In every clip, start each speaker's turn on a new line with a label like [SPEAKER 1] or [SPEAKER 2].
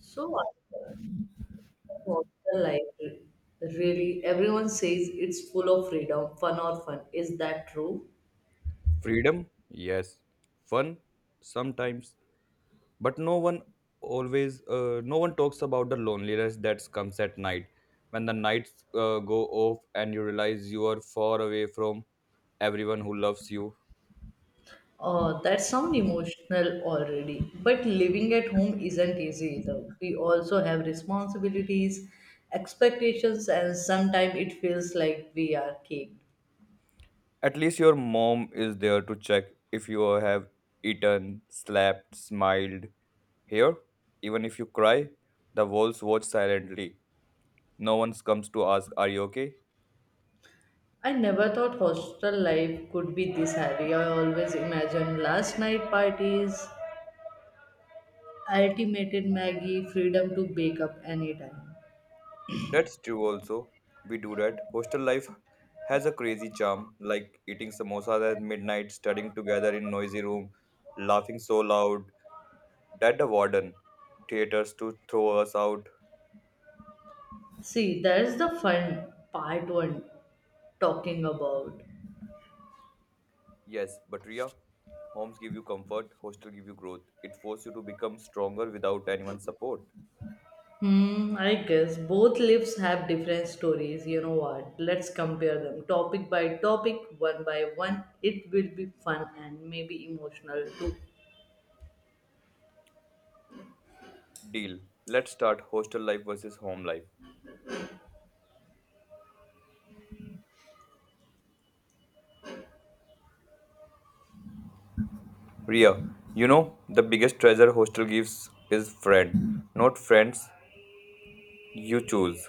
[SPEAKER 1] So I think hostel life really, everyone says it's full of freedom, fun or fun. Is that true?
[SPEAKER 2] Freedom, yes. Fun, sometimes. But no one always, no one talks about the loneliness that comes at night. When the nights go off and you realize you are far away from everyone who loves you.
[SPEAKER 1] Oh, that sounds emotional already. But living at home isn't easy either. We also have responsibilities, expectations, and sometimes it feels like we are caked.
[SPEAKER 2] At least your mom is there to check if you have eaten, slept, smiled. Here, even if you cry, the walls watch silently. No one comes to ask, are you okay?
[SPEAKER 1] I never thought hostel life could be this heavy. I always imagined last night parties, ultimated Maggie, freedom to wake up anytime.
[SPEAKER 2] That's true also. We do that. Hostel life has a crazy charm, like eating samosas at midnight, studying together in noisy room, laughing so loud that the warden theaters to throw us out.
[SPEAKER 1] See, that's the fun part one talking about.
[SPEAKER 2] Yes, but Ria, homes give you comfort, hostel give you growth. It forces you to become stronger without anyone's support.
[SPEAKER 1] I guess both lives have different stories. You know what? Let's compare them topic by topic, one by one. It will be fun and maybe emotional too.
[SPEAKER 2] Deal. Let's start hostel life versus home life. Ria, you know the biggest treasure hostel gives is friend. Not friends you choose.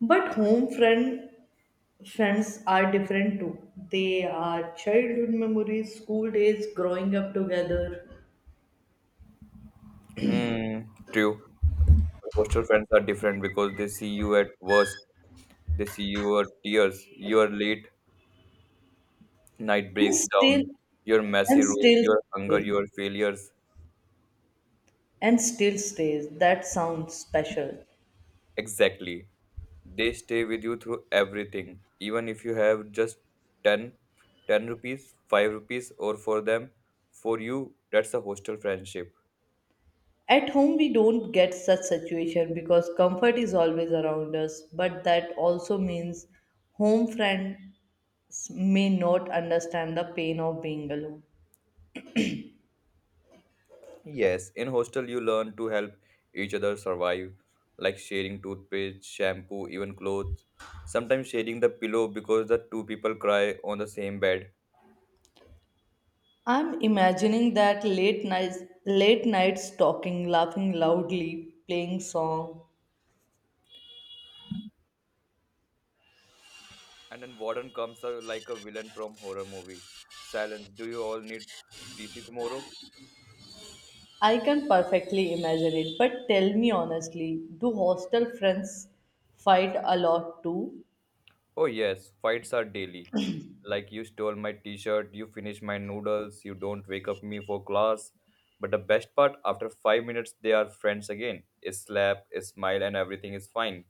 [SPEAKER 1] But home friend friends are different too. They are childhood memories, school days, growing up together,
[SPEAKER 2] Hmm, true. Hostel friends are different because they see you at worst, they see your tears, your late night
[SPEAKER 1] and
[SPEAKER 2] breaks
[SPEAKER 1] still
[SPEAKER 2] down, your messy
[SPEAKER 1] and
[SPEAKER 2] room,
[SPEAKER 1] still
[SPEAKER 2] your hunger,
[SPEAKER 1] stays,
[SPEAKER 2] your failures.
[SPEAKER 1] and still stays. That sounds special.
[SPEAKER 2] Exactly. They stay with you through everything, even if you have just 10, 10 rupees, 5 rupees, or for you, that's a hostel friendship.
[SPEAKER 1] At home, we don't get such situation because comfort is always around us. But that also means home friends may not understand the pain of being alone.
[SPEAKER 2] Yes, in hostel you learn to help each other survive, like sharing toothpaste, shampoo, even clothes. Sometimes sharing the pillow because the two people cry on the same bed.
[SPEAKER 1] I'm imagining late nights talking, laughing loudly, playing song.
[SPEAKER 2] And then warden comes out like a villain from horror movie. Silence. Do you all need TC tomorrow?
[SPEAKER 1] I can perfectly imagine it. But tell me honestly, do hostel friends fight a lot too?
[SPEAKER 2] Oh yes, fights are daily. Like you stole my t-shirt, you finished my noodles, you don't wake up me for class. But the best part, after 5 minutes, they are friends again. A slap, a smile, and everything is fine.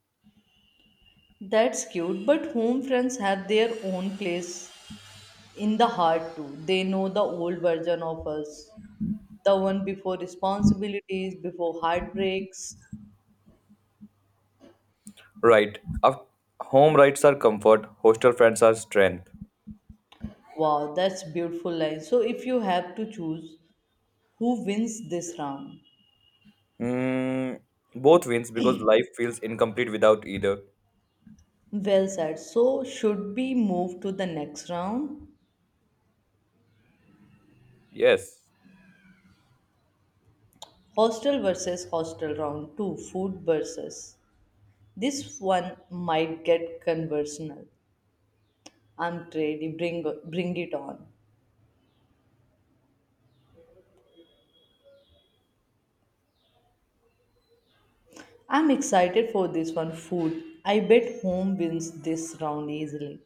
[SPEAKER 1] That's cute, but home friends have their own place in the heart too. They know the old version of us, the one before responsibilities, before heartbreaks.
[SPEAKER 2] Right. Our home rights are comfort, hostel friends are strength.
[SPEAKER 1] Wow, that's beautiful line. So if you have to choose who wins this round,
[SPEAKER 2] Mm, both wins because life feels incomplete without either.
[SPEAKER 1] well said. So should we move to the next round?
[SPEAKER 2] Yes.
[SPEAKER 1] Hostel versus hostel round two, food versus. This one might get conversational. I'm ready. Bring it on. I'm excited for this one food. I bet home wins this round easily.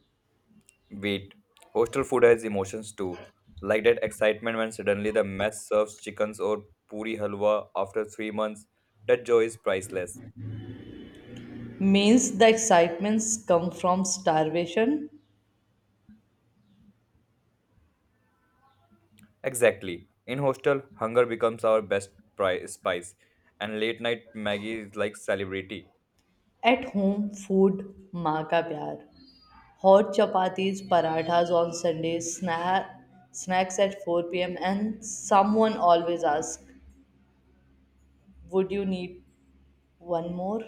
[SPEAKER 2] Wait. Hostel food has emotions too. Like that excitement when suddenly the mess serves chickens or puri halwa after 3 months. That joy is priceless.
[SPEAKER 1] Means the excitements come from starvation
[SPEAKER 2] Exactly. In hostel, hunger becomes our best spice, and late night Maggie is like celebrity.
[SPEAKER 1] at home food maa ka pyar. Hot chapatis, parathas on Sundays, snacks at 4 p.m. and someone always asks, would you need one more?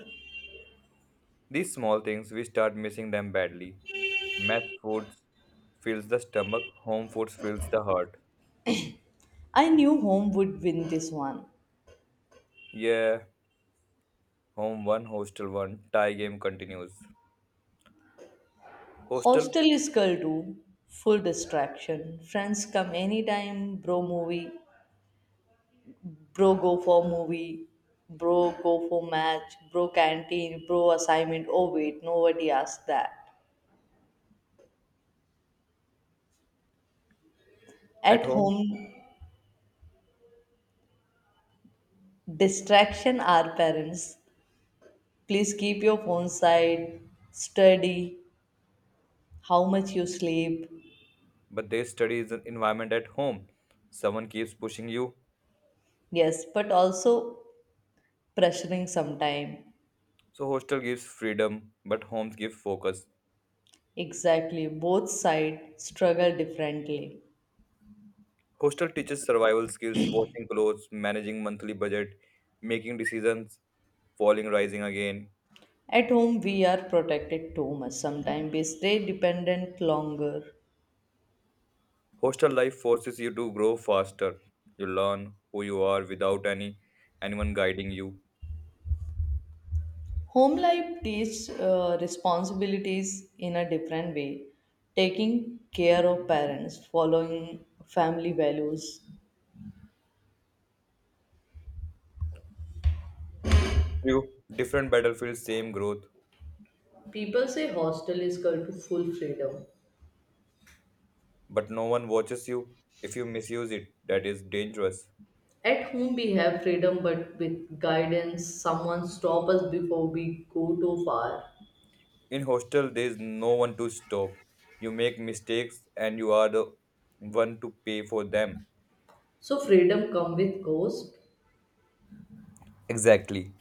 [SPEAKER 2] These small things, we start missing them badly. Math foods fills the stomach, home foods fills the heart.
[SPEAKER 1] I knew home would win this one.
[SPEAKER 2] Yeah, home one, hostel one. Tie game continues. Hostel
[SPEAKER 1] Hostel is girl too. Full distraction. Friends come anytime, bro movie, bro go for movie bro go for match, bro canteen, bro assignment, oh wait, nobody asked that.
[SPEAKER 2] at
[SPEAKER 1] At
[SPEAKER 2] home,
[SPEAKER 1] home distraction are parents: please keep your phone side, study, how much you sleep.
[SPEAKER 2] but they study is an environment at home. Someone keeps pushing you.
[SPEAKER 1] Yes, but also pressuring sometime.
[SPEAKER 2] So hostel gives freedom, but homes give focus.
[SPEAKER 1] Exactly, both side struggle differently.
[SPEAKER 2] Hostel teaches survival skills, washing clothes, managing monthly budget, making decisions, falling, rising again.
[SPEAKER 1] At home we are protected too much, sometimes we stay dependent longer.
[SPEAKER 2] Hostel life forces you to grow faster. You learn who you are without anyone guiding you.
[SPEAKER 1] Home life teaches responsibilities in a different way. Taking care of parents, following family values.
[SPEAKER 2] True. Different battlefields, same growth,
[SPEAKER 1] People say hostel is going to full freedom.
[SPEAKER 2] but no one watches you. If you misuse it, that is dangerous.
[SPEAKER 1] At home we have freedom, but with guidance, someone stop us before we go too far.
[SPEAKER 2] In hostel, there is no one to stop. You make mistakes and you are the one to pay for them.
[SPEAKER 1] So freedom come with cost.
[SPEAKER 2] Exactly.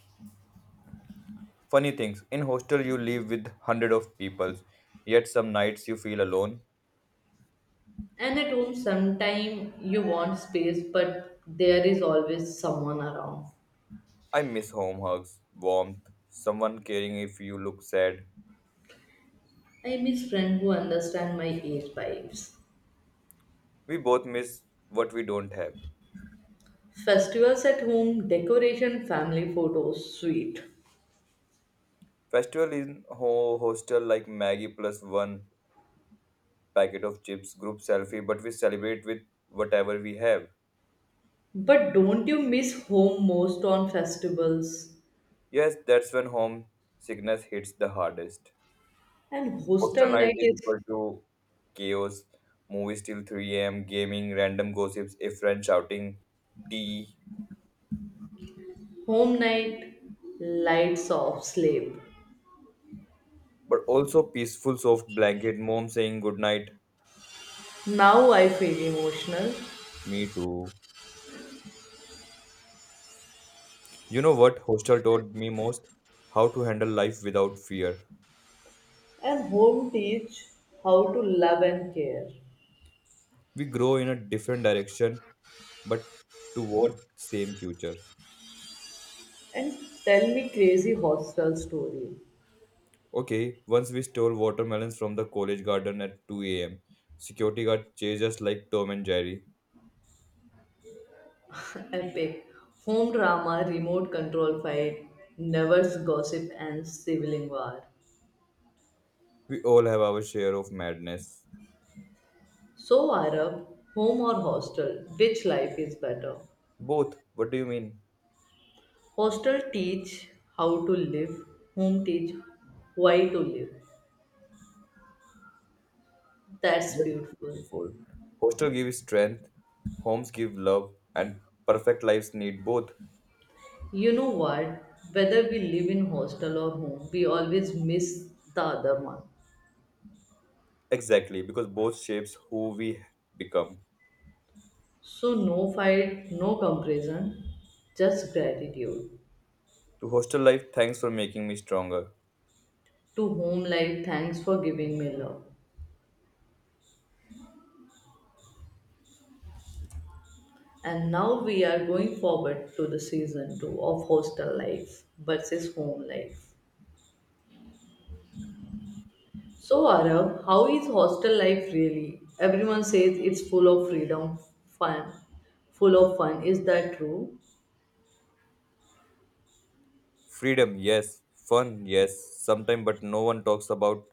[SPEAKER 2] Funny things, in hostel you live with hundred of people, yet some nights you feel alone.
[SPEAKER 1] And at home, sometime you want space, but there is always someone around.
[SPEAKER 2] I miss home hugs, warmth, someone caring if you look sad.
[SPEAKER 1] I miss friend who understand my age vibes.
[SPEAKER 2] We both miss what we don't have.
[SPEAKER 1] Festivals at home, decoration, family photos, sweet.
[SPEAKER 2] Festival in hostel like Maggie plus one packet of chips, group selfie, but we celebrate with whatever we have.
[SPEAKER 1] But don't you miss home most on festivals?
[SPEAKER 2] Yes, that's when home sickness hits the hardest.
[SPEAKER 1] And
[SPEAKER 2] Hostel
[SPEAKER 1] hostel
[SPEAKER 2] night
[SPEAKER 1] night
[SPEAKER 2] is
[SPEAKER 1] is
[SPEAKER 2] equal to chaos, movies till 3 a.m., gaming, random gossips, a friend shouting, tea,
[SPEAKER 1] home night, lights off, sleep.
[SPEAKER 2] but also peaceful soft blanket, mom saying goodnight,
[SPEAKER 1] Now I feel emotional.
[SPEAKER 2] me too. You know what hostel taught me most? How to handle life without fear.
[SPEAKER 1] And home teach how to love and care.
[SPEAKER 2] We grow in a different direction, but toward same future.
[SPEAKER 1] And tell me crazy hostel story.
[SPEAKER 2] Okay, once we stole watermelons from the college garden at 2 a.m. Security guard chased us like Tom and Jerry.
[SPEAKER 1] Epic. Home drama, remote control fight, neighbors gossip and sibling war.
[SPEAKER 2] We all have our share of madness.
[SPEAKER 1] So, Arab, home or hostel, which life is better?
[SPEAKER 2] Both. What do you mean?
[SPEAKER 1] Hostel teach how to live, home teach why to live. That's
[SPEAKER 2] That's
[SPEAKER 1] beautiful.
[SPEAKER 2] beautiful. Hostel gives strength, homes give love, and perfect lives need both.
[SPEAKER 1] You know what? Whether we live in hostel or home, we always miss the other one.
[SPEAKER 2] Exactly, because both shapes who we become.
[SPEAKER 1] So, no fight, no comparison, just gratitude.
[SPEAKER 2] To hostel life, thanks for making me stronger.
[SPEAKER 1] To whom life, thanks for giving me love. And now we are going forward to the season 2 of hostel life versus home life. So, Arav, how is hostel life really? Everyone says it's full of freedom, fun, full of fun. Is that true?
[SPEAKER 2] Freedom, yes. Fun, yes. Sometimes, but no one talks about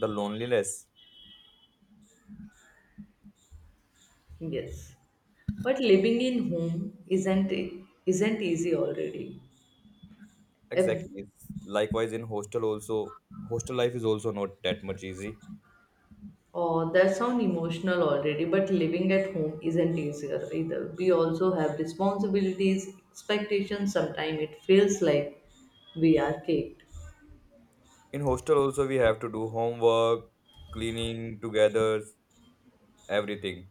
[SPEAKER 2] the loneliness.
[SPEAKER 1] Yes. But living in home isn't easy already. Ev-
[SPEAKER 2] Exactly. It's likewise, in hostel also, hostel life is also not that much easy.
[SPEAKER 1] Oh, that sounds emotional already. But living at home isn't easier either. We also have responsibilities, expectations. Sometimes it feels like we are cake.
[SPEAKER 2] In hostel also, we have to do homework, cleaning together, everything.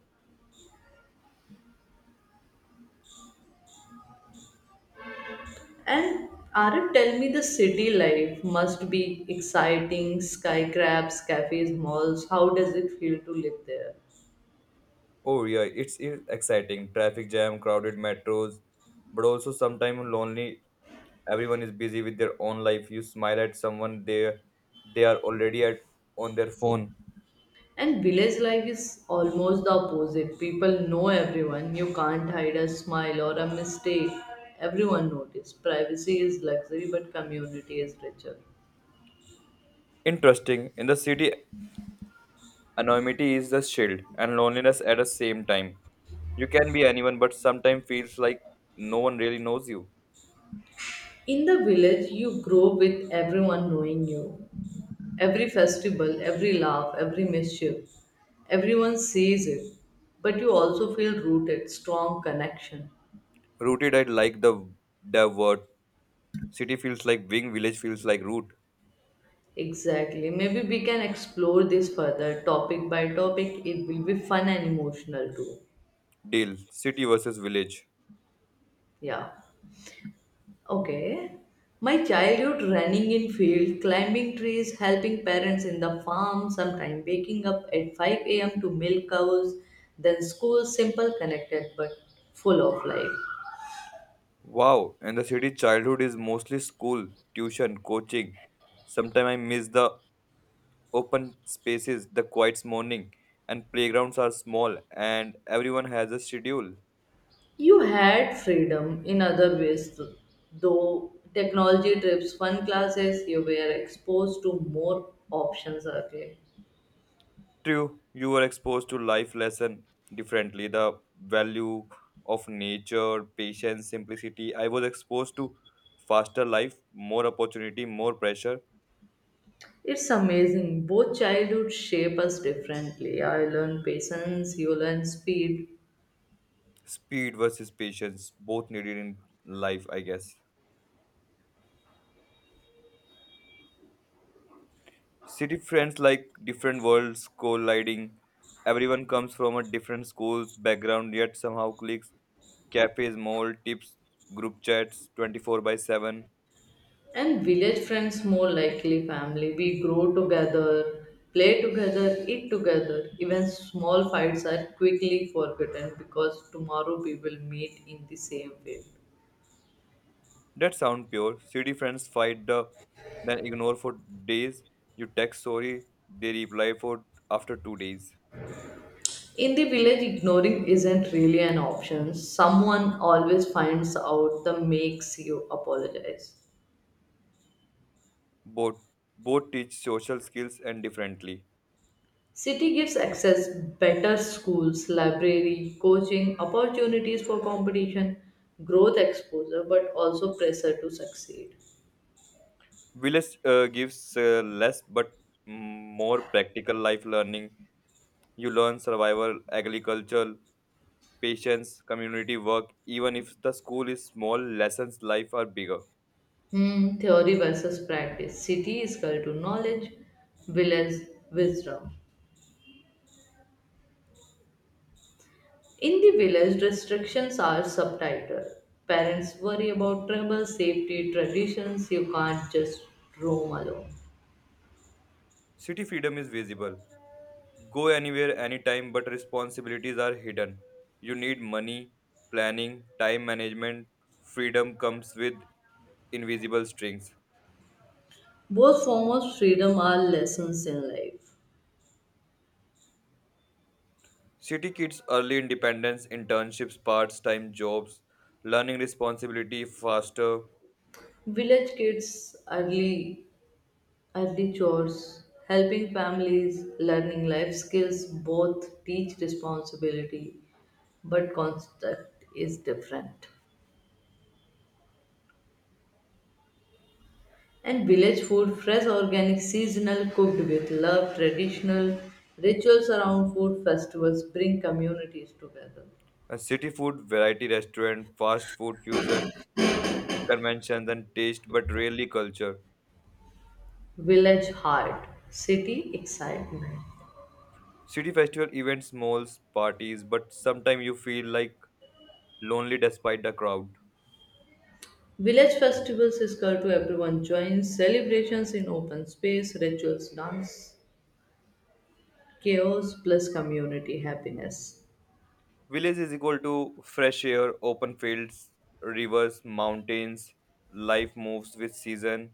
[SPEAKER 1] And Arif, tell me the city life must be exciting, skyscrapers, cafes, malls. How does it feel to live there?
[SPEAKER 2] Oh yeah, it's exciting. Traffic jam, crowded metros, but also sometimes lonely. Everyone is busy with their own life. You smile at someone, they are already at on their phone.
[SPEAKER 1] And village life is almost the opposite. People know everyone. You can't hide a smile or a mistake. Everyone notices. Privacy is luxury, but community is richer.
[SPEAKER 2] Interesting. In the city, anonymity is the shield and loneliness at the same time. You can be anyone, but sometimes feels like no one really knows you.
[SPEAKER 1] In the village, you grow with everyone knowing you. Every festival, every laugh, every mischief, everyone sees it. But you also feel rooted, strong connection.
[SPEAKER 2] Rooted, I like the word. City feels like wing, village feels like root.
[SPEAKER 1] Exactly. Maybe we can explore this further, topic by topic. It will be fun and emotional too.
[SPEAKER 2] Deal, city versus village.
[SPEAKER 1] Yeah. Okay. My childhood running in field, climbing trees, helping parents in the farm, sometime waking up at 5 a.m. to milk cows, then school simple connected but full of life.
[SPEAKER 2] Wow, and the city childhood is mostly school, tuition, coaching. Sometimes I miss the open spaces, the quiet morning, and playgrounds are small and everyone has a schedule.
[SPEAKER 1] You had freedom in other ways, though technology trips, fun classes, you were exposed to more options early.
[SPEAKER 2] True, you were exposed to life lesson differently. The value of nature, patience, simplicity. I was exposed to faster life, more opportunity, more pressure.
[SPEAKER 1] It's amazing. Both childhood shape us differently. I learned patience, you learn speed,
[SPEAKER 2] Speed versus patience, both needed in life, I guess. City friends like different worlds colliding. Everyone comes from a different schools, background, yet somehow clicks. Cafes, mall, tips, group chats, 24 by 7.
[SPEAKER 1] and village friends more likely family. We grow together, play together, eat together. Even small fights are quickly forgotten because tomorrow we will meet in the same way.
[SPEAKER 2] That sound pure. City friends fight the then ignore for days. You text sorry, they reply for after 2 days.
[SPEAKER 1] In the village, ignoring isn't really an option. Someone always finds out the makes you apologize.
[SPEAKER 2] Both both teach social skills and differently.
[SPEAKER 1] City gives access, better schools, library, coaching, opportunities for competition, growth exposure, but also pressure to succeed.
[SPEAKER 2] Village gives less but more practical life learning. You learn survival, agriculture, patience, community work. Even if the school is small, lessons life are bigger.
[SPEAKER 1] Theory versus practice. City is called to knowledge, village wisdom. In the village, restrictions are subtitled. Parents worry about travel, safety, traditions, you can't just roam alone.
[SPEAKER 2] City freedom is visible. Go anywhere, anytime, but responsibilities are hidden. You need money, planning, time management. Freedom comes with invisible strings.
[SPEAKER 1] Both forms of freedom are lessons in life.
[SPEAKER 2] City kids early independence, internships, parts time jobs, learning responsibility faster.
[SPEAKER 1] Village kids, early chores, helping families, learning life skills, both teach responsibility, but concept is different. And village food, fresh, organic, seasonal, cooked with love, traditional rituals around food festivals bring communities together.
[SPEAKER 2] A city food, variety restaurant, fast food fusion, conventions and taste, but rarely culture.
[SPEAKER 1] Village heart, city excitement.
[SPEAKER 2] City festival events, malls, parties, but sometimes you feel like lonely despite the crowd.
[SPEAKER 1] Village festivals is called to everyone joins, celebrations in open space, rituals, dance, chaos plus community happiness.
[SPEAKER 2] Village is equal to fresh air, open fields, rivers, mountains, life moves with season.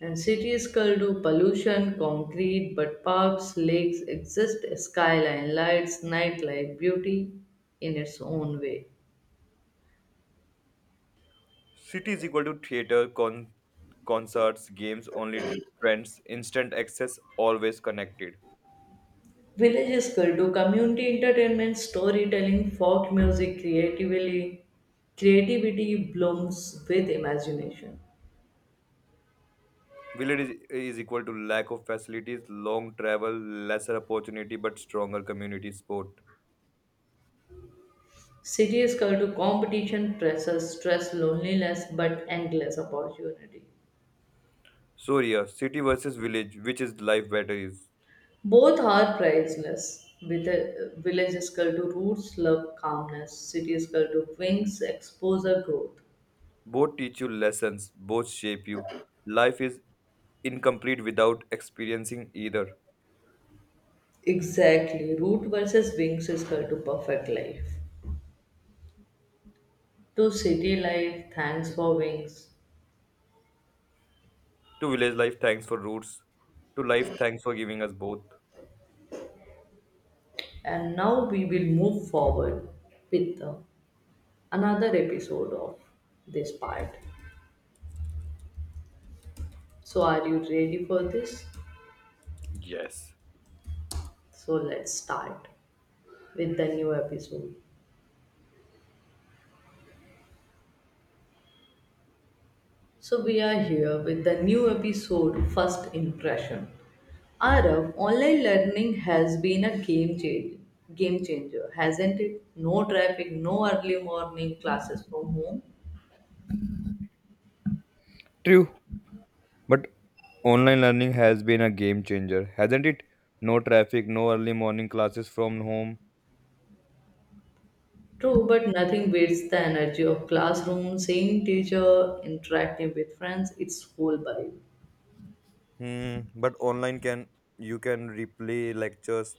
[SPEAKER 1] And city is called to pollution, concrete, but parks, lakes exist, skyline lights, nightlife, beauty in its own way.
[SPEAKER 2] City is equal to theater, concerts, games, only trends, instant access, always connected.
[SPEAKER 1] Villages could do community entertainment, storytelling, folk music, creativity blooms with imagination.
[SPEAKER 2] Village is equal to lack of facilities, long travel, lesser opportunity, but stronger community support.
[SPEAKER 1] Cities could do competition, stress, loneliness, but endless opportunity.
[SPEAKER 2] So yeah, city versus village, which is life better is?
[SPEAKER 1] Both are priceless. With a villages could do roots, love, calmness. Cities could do wings, exposure, growth.
[SPEAKER 2] Both teach you lessons, both shape you. Life is incomplete without experiencing either.
[SPEAKER 1] Exactly. Root versus wings is called to perfect life. To city life, thanks for wings.
[SPEAKER 2] To village life, thanks for roots. To life, thanks for giving us both.
[SPEAKER 1] And now we will move forward with another episode of this part. So, are you ready for this?
[SPEAKER 2] Yes.
[SPEAKER 1] So, let's start with the new episode. So, we are here with the new episode First Impression. Arav, online learning has been a game changer, hasn't it? No traffic, no early morning classes from home.
[SPEAKER 2] True, but online learning has been a game changer, hasn't it? No traffic, no early morning classes from home.
[SPEAKER 1] True, but nothing beats the energy of classroom, seeing teacher, interacting with friends, it's whole vibe.
[SPEAKER 2] Hmm. But online can you can replay lectures,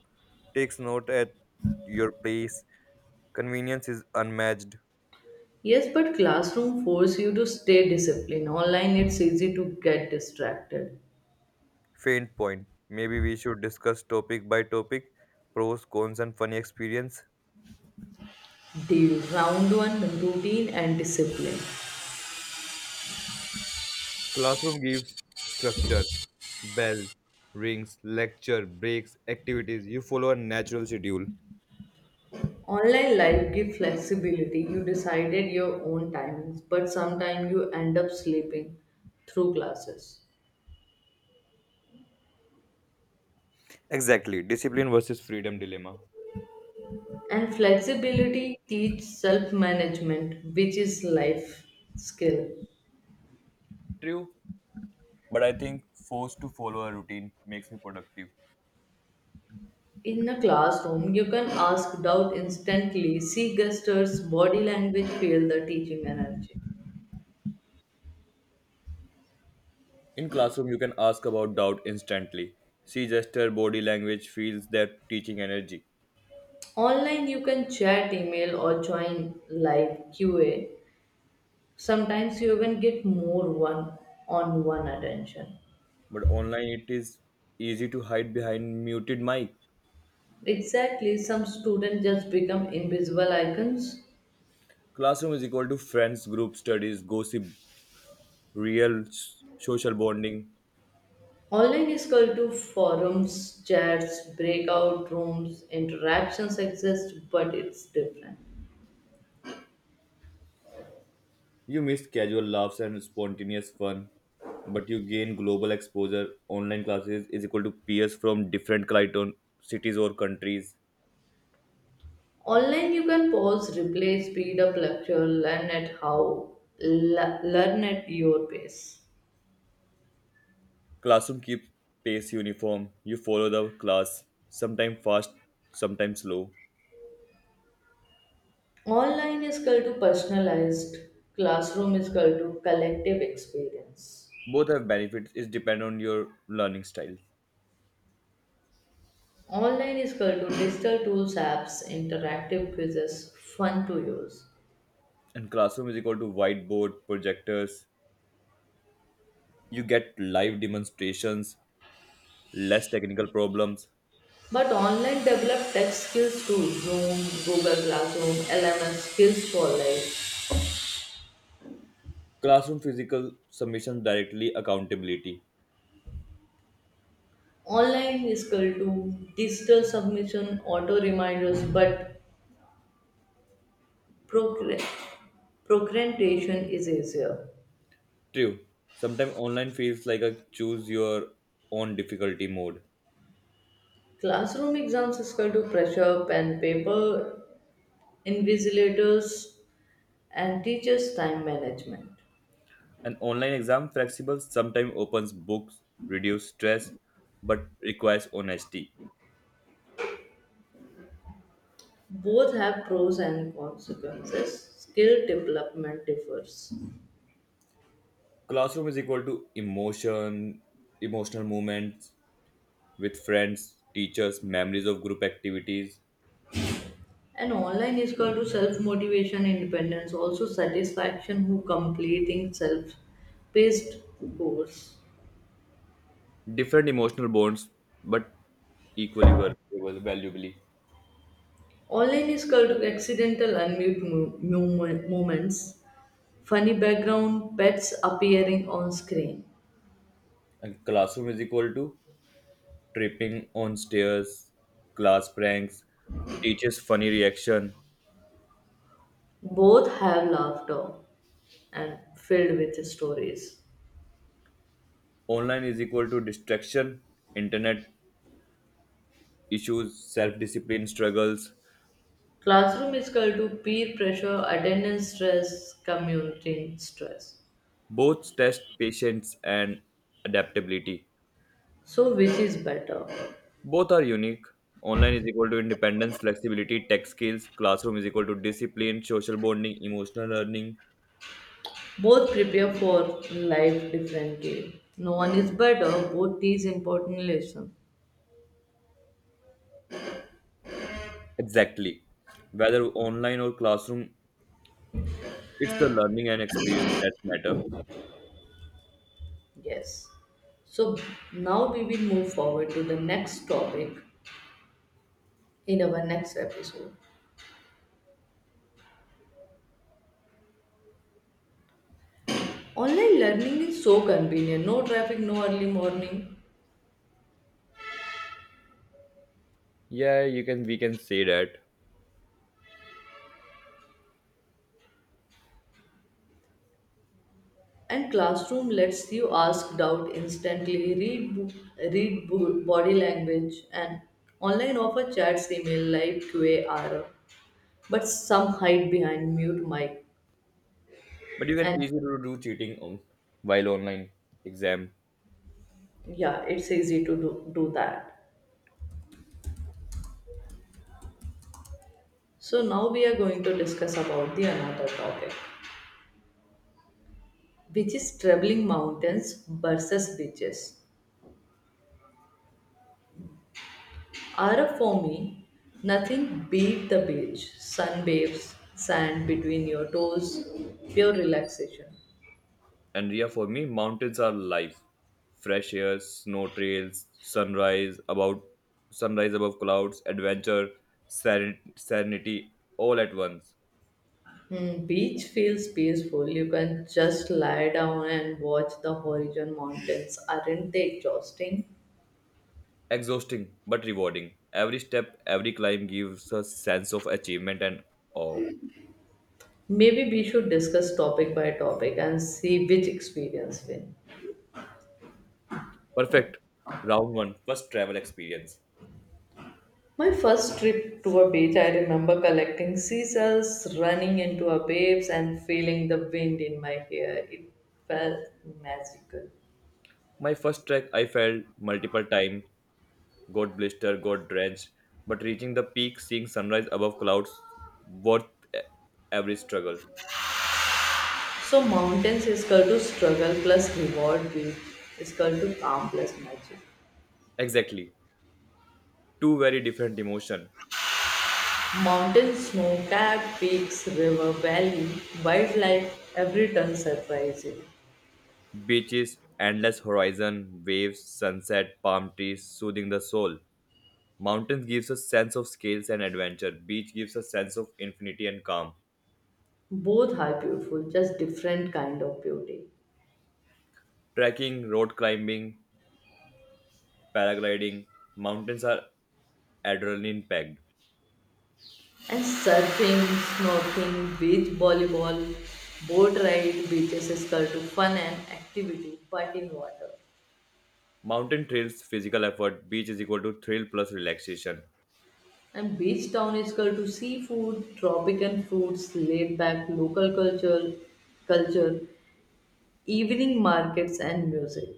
[SPEAKER 2] takes note at your place. Convenience is unmatched.
[SPEAKER 1] Yes, but classroom force you to stay disciplined. Online it's easy to get distracted.
[SPEAKER 2] Faint point. Maybe we should discuss topic by topic, pros, cons, and funny experience.
[SPEAKER 1] Deal round one routine and discipline.
[SPEAKER 2] Classroom gives structure, bell, rings, lecture, breaks, activities. You follow a natural schedule.
[SPEAKER 1] Online life give flexibility. You decided your own timings, but sometimes you end up sleeping through classes.
[SPEAKER 2] Exactly. Discipline versus freedom dilemma.
[SPEAKER 1] And flexibility teach self management, which is life skill.
[SPEAKER 2] True, but I think forced to follow a routine makes me productive.
[SPEAKER 1] In a classroom, you can ask doubt instantly, see gestures, body language, feel the teaching energy.
[SPEAKER 2] In classroom, you can ask about doubt instantly. See gesture, body language feels their teaching energy.
[SPEAKER 1] Online, you can chat, email, or join live QA. Sometimes you even get more one on one attention.
[SPEAKER 2] But online, it is easy to hide behind muted mic.
[SPEAKER 1] Exactly, some students just become invisible icons.
[SPEAKER 2] Classroom is equal to friends, group studies, gossip, real social bonding.
[SPEAKER 1] Online is equal to forums, chats, breakout rooms, interactions exist, but it's different.
[SPEAKER 2] You miss casual laughs and spontaneous fun, but you gain global exposure. Online classes is equal to peers from different Clayton cities or countries.
[SPEAKER 1] Online, you can pause, replay, speed up lecture, learn at your pace.
[SPEAKER 2] Classroom keeps pace uniform. You follow the class, sometimes fast, sometimes slow.
[SPEAKER 1] Online is equal to personalized, classroom is equal to collective experience.
[SPEAKER 2] Both have benefits. It depends on your learning style.
[SPEAKER 1] Online is equal to digital tools, apps, interactive quizzes, fun to use.
[SPEAKER 2] And classroom is equal to whiteboard, projectors. You get live demonstrations, less technical problems.
[SPEAKER 1] But online develop tech skills too, Zoom, Google Classroom, LMS, skills for life.
[SPEAKER 2] Classroom physical submission directly accountability.
[SPEAKER 1] Online is equal to digital submission, auto reminders, but procre- procrastination is easier.
[SPEAKER 2] True. Sometimes online feels like a choose your own difficulty mode.
[SPEAKER 1] Classroom exams is equal to pressure, pen, paper, invigilators, and teachers' time management.
[SPEAKER 2] An online exam flexible sometimes opens books, reduce stress, but requires honesty.
[SPEAKER 1] Both have pros and consequences. Skill development differs.
[SPEAKER 2] Classroom is equal to emotion, emotional moments with friends, teachers, memories of group activities,
[SPEAKER 1] And online is equal to self motivation, independence, also satisfaction who completing self paced course.
[SPEAKER 2] different emotional bonds, but equally valuable, valuably.
[SPEAKER 1] Online is called to accidental moments, funny background, pets appearing on screen.
[SPEAKER 2] And classroom is equal to tripping on stairs, class pranks, teacher's funny reaction,
[SPEAKER 1] Both have laughter and filled with stories.
[SPEAKER 2] online is equal to distraction, internet issues, self discipline struggles.
[SPEAKER 1] Classroom is equal to peer pressure, attendance stress, community stress.
[SPEAKER 2] Both test patience and adaptability.
[SPEAKER 1] So, which is better?
[SPEAKER 2] Both are unique. Online is equal to independence, flexibility, tech skills. Classroom is equal to discipline, social bonding, emotional learning.
[SPEAKER 1] Both prepare for life differently. No one is better, both teach important lesson.
[SPEAKER 2] Exactly. Whether online or classroom, it's the learning and experience that matter.
[SPEAKER 1] Yes. So, now we will move forward to the next topic in our next episode. Online learning is so convenient. No traffic, no early morning.
[SPEAKER 2] Yeah, you can we can say that.
[SPEAKER 1] And classroom lets you ask doubt instantly, body language, and online offer chats, email, live QAR, but some hide behind mute mic,
[SPEAKER 2] But you
[SPEAKER 1] and
[SPEAKER 2] can easily do cheating while online exam.
[SPEAKER 1] yeah, it's easy to do that. So now we are going to discuss about the another topic, which is traveling mountains versus beaches. Ara for me, nothing beat the beach, sunbathes, sand between your toes, pure relaxation.
[SPEAKER 2] And yeah, for me, mountains are life. Fresh air, snow trails, sunrise above clouds, adventure, serenity, all at once.
[SPEAKER 1] Beach feels peaceful. You can just lie down and watch the horizon mountains. Aren't they exhausting?
[SPEAKER 2] Exhausting but rewarding. Every step, every climb gives a sense of achievement and awe.
[SPEAKER 1] Maybe we should discuss topic by topic and see which experience win.
[SPEAKER 2] Perfect. Round one, first travel experience.
[SPEAKER 1] My first trip to a beach, I remember collecting seashells, running into a waves, and feeling the wind in my hair. It felt magical.
[SPEAKER 2] My first trek, I fell multiple times, got blister, got drenched, but reaching the peak, seeing sunrise above clouds, worth e- every struggle.
[SPEAKER 1] So mountains is equal to struggle plus reward, beach is equal to calm plus magic.
[SPEAKER 2] Exactly. Two very different emotion.
[SPEAKER 1] Mountain snow capped peaks, river valley, wildlife, every turn surprising.
[SPEAKER 2] Beaches, endless horizon, waves, sunset, palm trees, soothing the soul. Mountains gives a sense of scales and adventure. Beach gives a sense of infinity and calm.
[SPEAKER 1] Both are beautiful, just different kind of beauty.
[SPEAKER 2] Trekking, road climbing, paragliding, mountains are adrenaline packed.
[SPEAKER 1] And surfing, snorkeling, beach volleyball, boat ride, beaches is called to fun and activity, but in water.
[SPEAKER 2] Mountain trails physical effort, beach is equal to thrill plus relaxation.
[SPEAKER 1] And beach town is called to seafood, tropical fruits, laid back local culture, evening markets and music.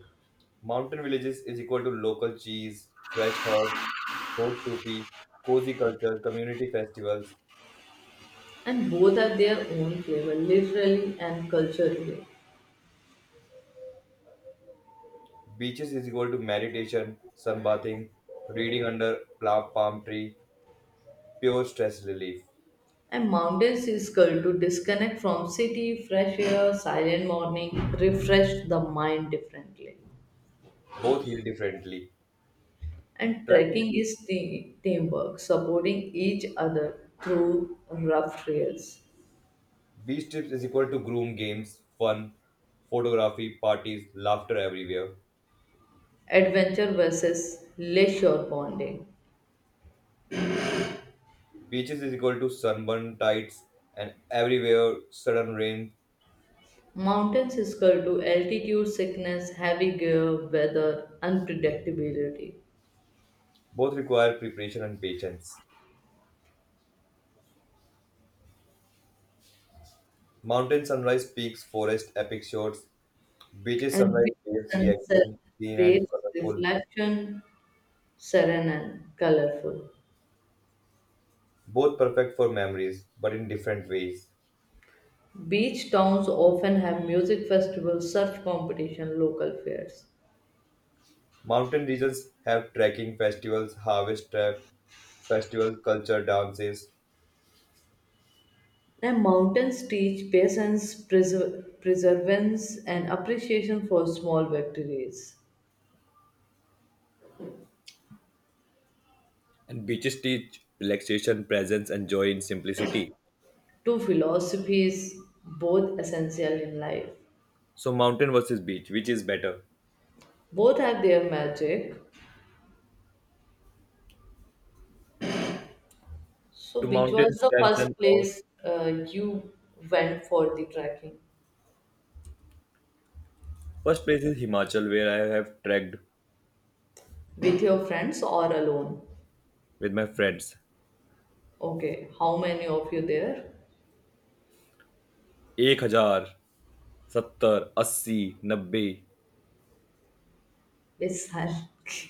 [SPEAKER 2] Mountain villages is equal to local cheese, fresh herb, hot Sufi, cozy culture, community festivals.
[SPEAKER 1] And both have their own flavor, literally and culturally.
[SPEAKER 2] Beaches is equal to meditation, sunbathing, reading under palm tree, pure stress relief.
[SPEAKER 1] And mountains is called to disconnect from city, fresh air, silent morning, refresh the mind differently.
[SPEAKER 2] Both heal differently.
[SPEAKER 1] And
[SPEAKER 2] Trekking
[SPEAKER 1] trekking
[SPEAKER 2] to
[SPEAKER 1] is teamwork, supporting each other through rough trails.
[SPEAKER 2] beach trips is equal to groom games, fun, photography, parties, laughter everywhere.
[SPEAKER 1] Adventure versus leisure bonding.
[SPEAKER 2] Beaches is equal to sunburn tides and everywhere sudden rain.
[SPEAKER 1] Mountains is called to altitude sickness, heavy gear, weather, unpredictability.
[SPEAKER 2] Both require preparation and patience. Mountain sunrise peaks, forest epic shots, beaches
[SPEAKER 1] And
[SPEAKER 2] sunrise
[SPEAKER 1] big
[SPEAKER 2] waves
[SPEAKER 1] sunset
[SPEAKER 2] reaction, clean and
[SPEAKER 1] waves
[SPEAKER 2] colorful.
[SPEAKER 1] reflection serene and colorful.
[SPEAKER 2] Both perfect for memories, but in different ways.
[SPEAKER 1] Beach towns often have music festivals, surf competition, local fairs.
[SPEAKER 2] Mountain regions have trekking festivals, harvest trap festivals, culture dances,
[SPEAKER 1] And mountains teach patience, perseverance, and appreciation for small victories.
[SPEAKER 2] and beaches teach relaxation, presence, and joy in simplicity.
[SPEAKER 1] Two philosophies, both essential in life.
[SPEAKER 2] So, mountain versus beach, which is better?
[SPEAKER 1] Both have their magic. So,
[SPEAKER 2] To
[SPEAKER 1] which
[SPEAKER 2] mountain
[SPEAKER 1] was the
[SPEAKER 2] stands
[SPEAKER 1] first
[SPEAKER 2] and awe.
[SPEAKER 1] place you went for the trekking?
[SPEAKER 2] First place is Himachal, where I have trekked
[SPEAKER 1] With your friends or alone?
[SPEAKER 2] with my friends.
[SPEAKER 1] Okay, how many of you there?
[SPEAKER 2] 1000, 70, 80, 90.
[SPEAKER 1] Yes, sir.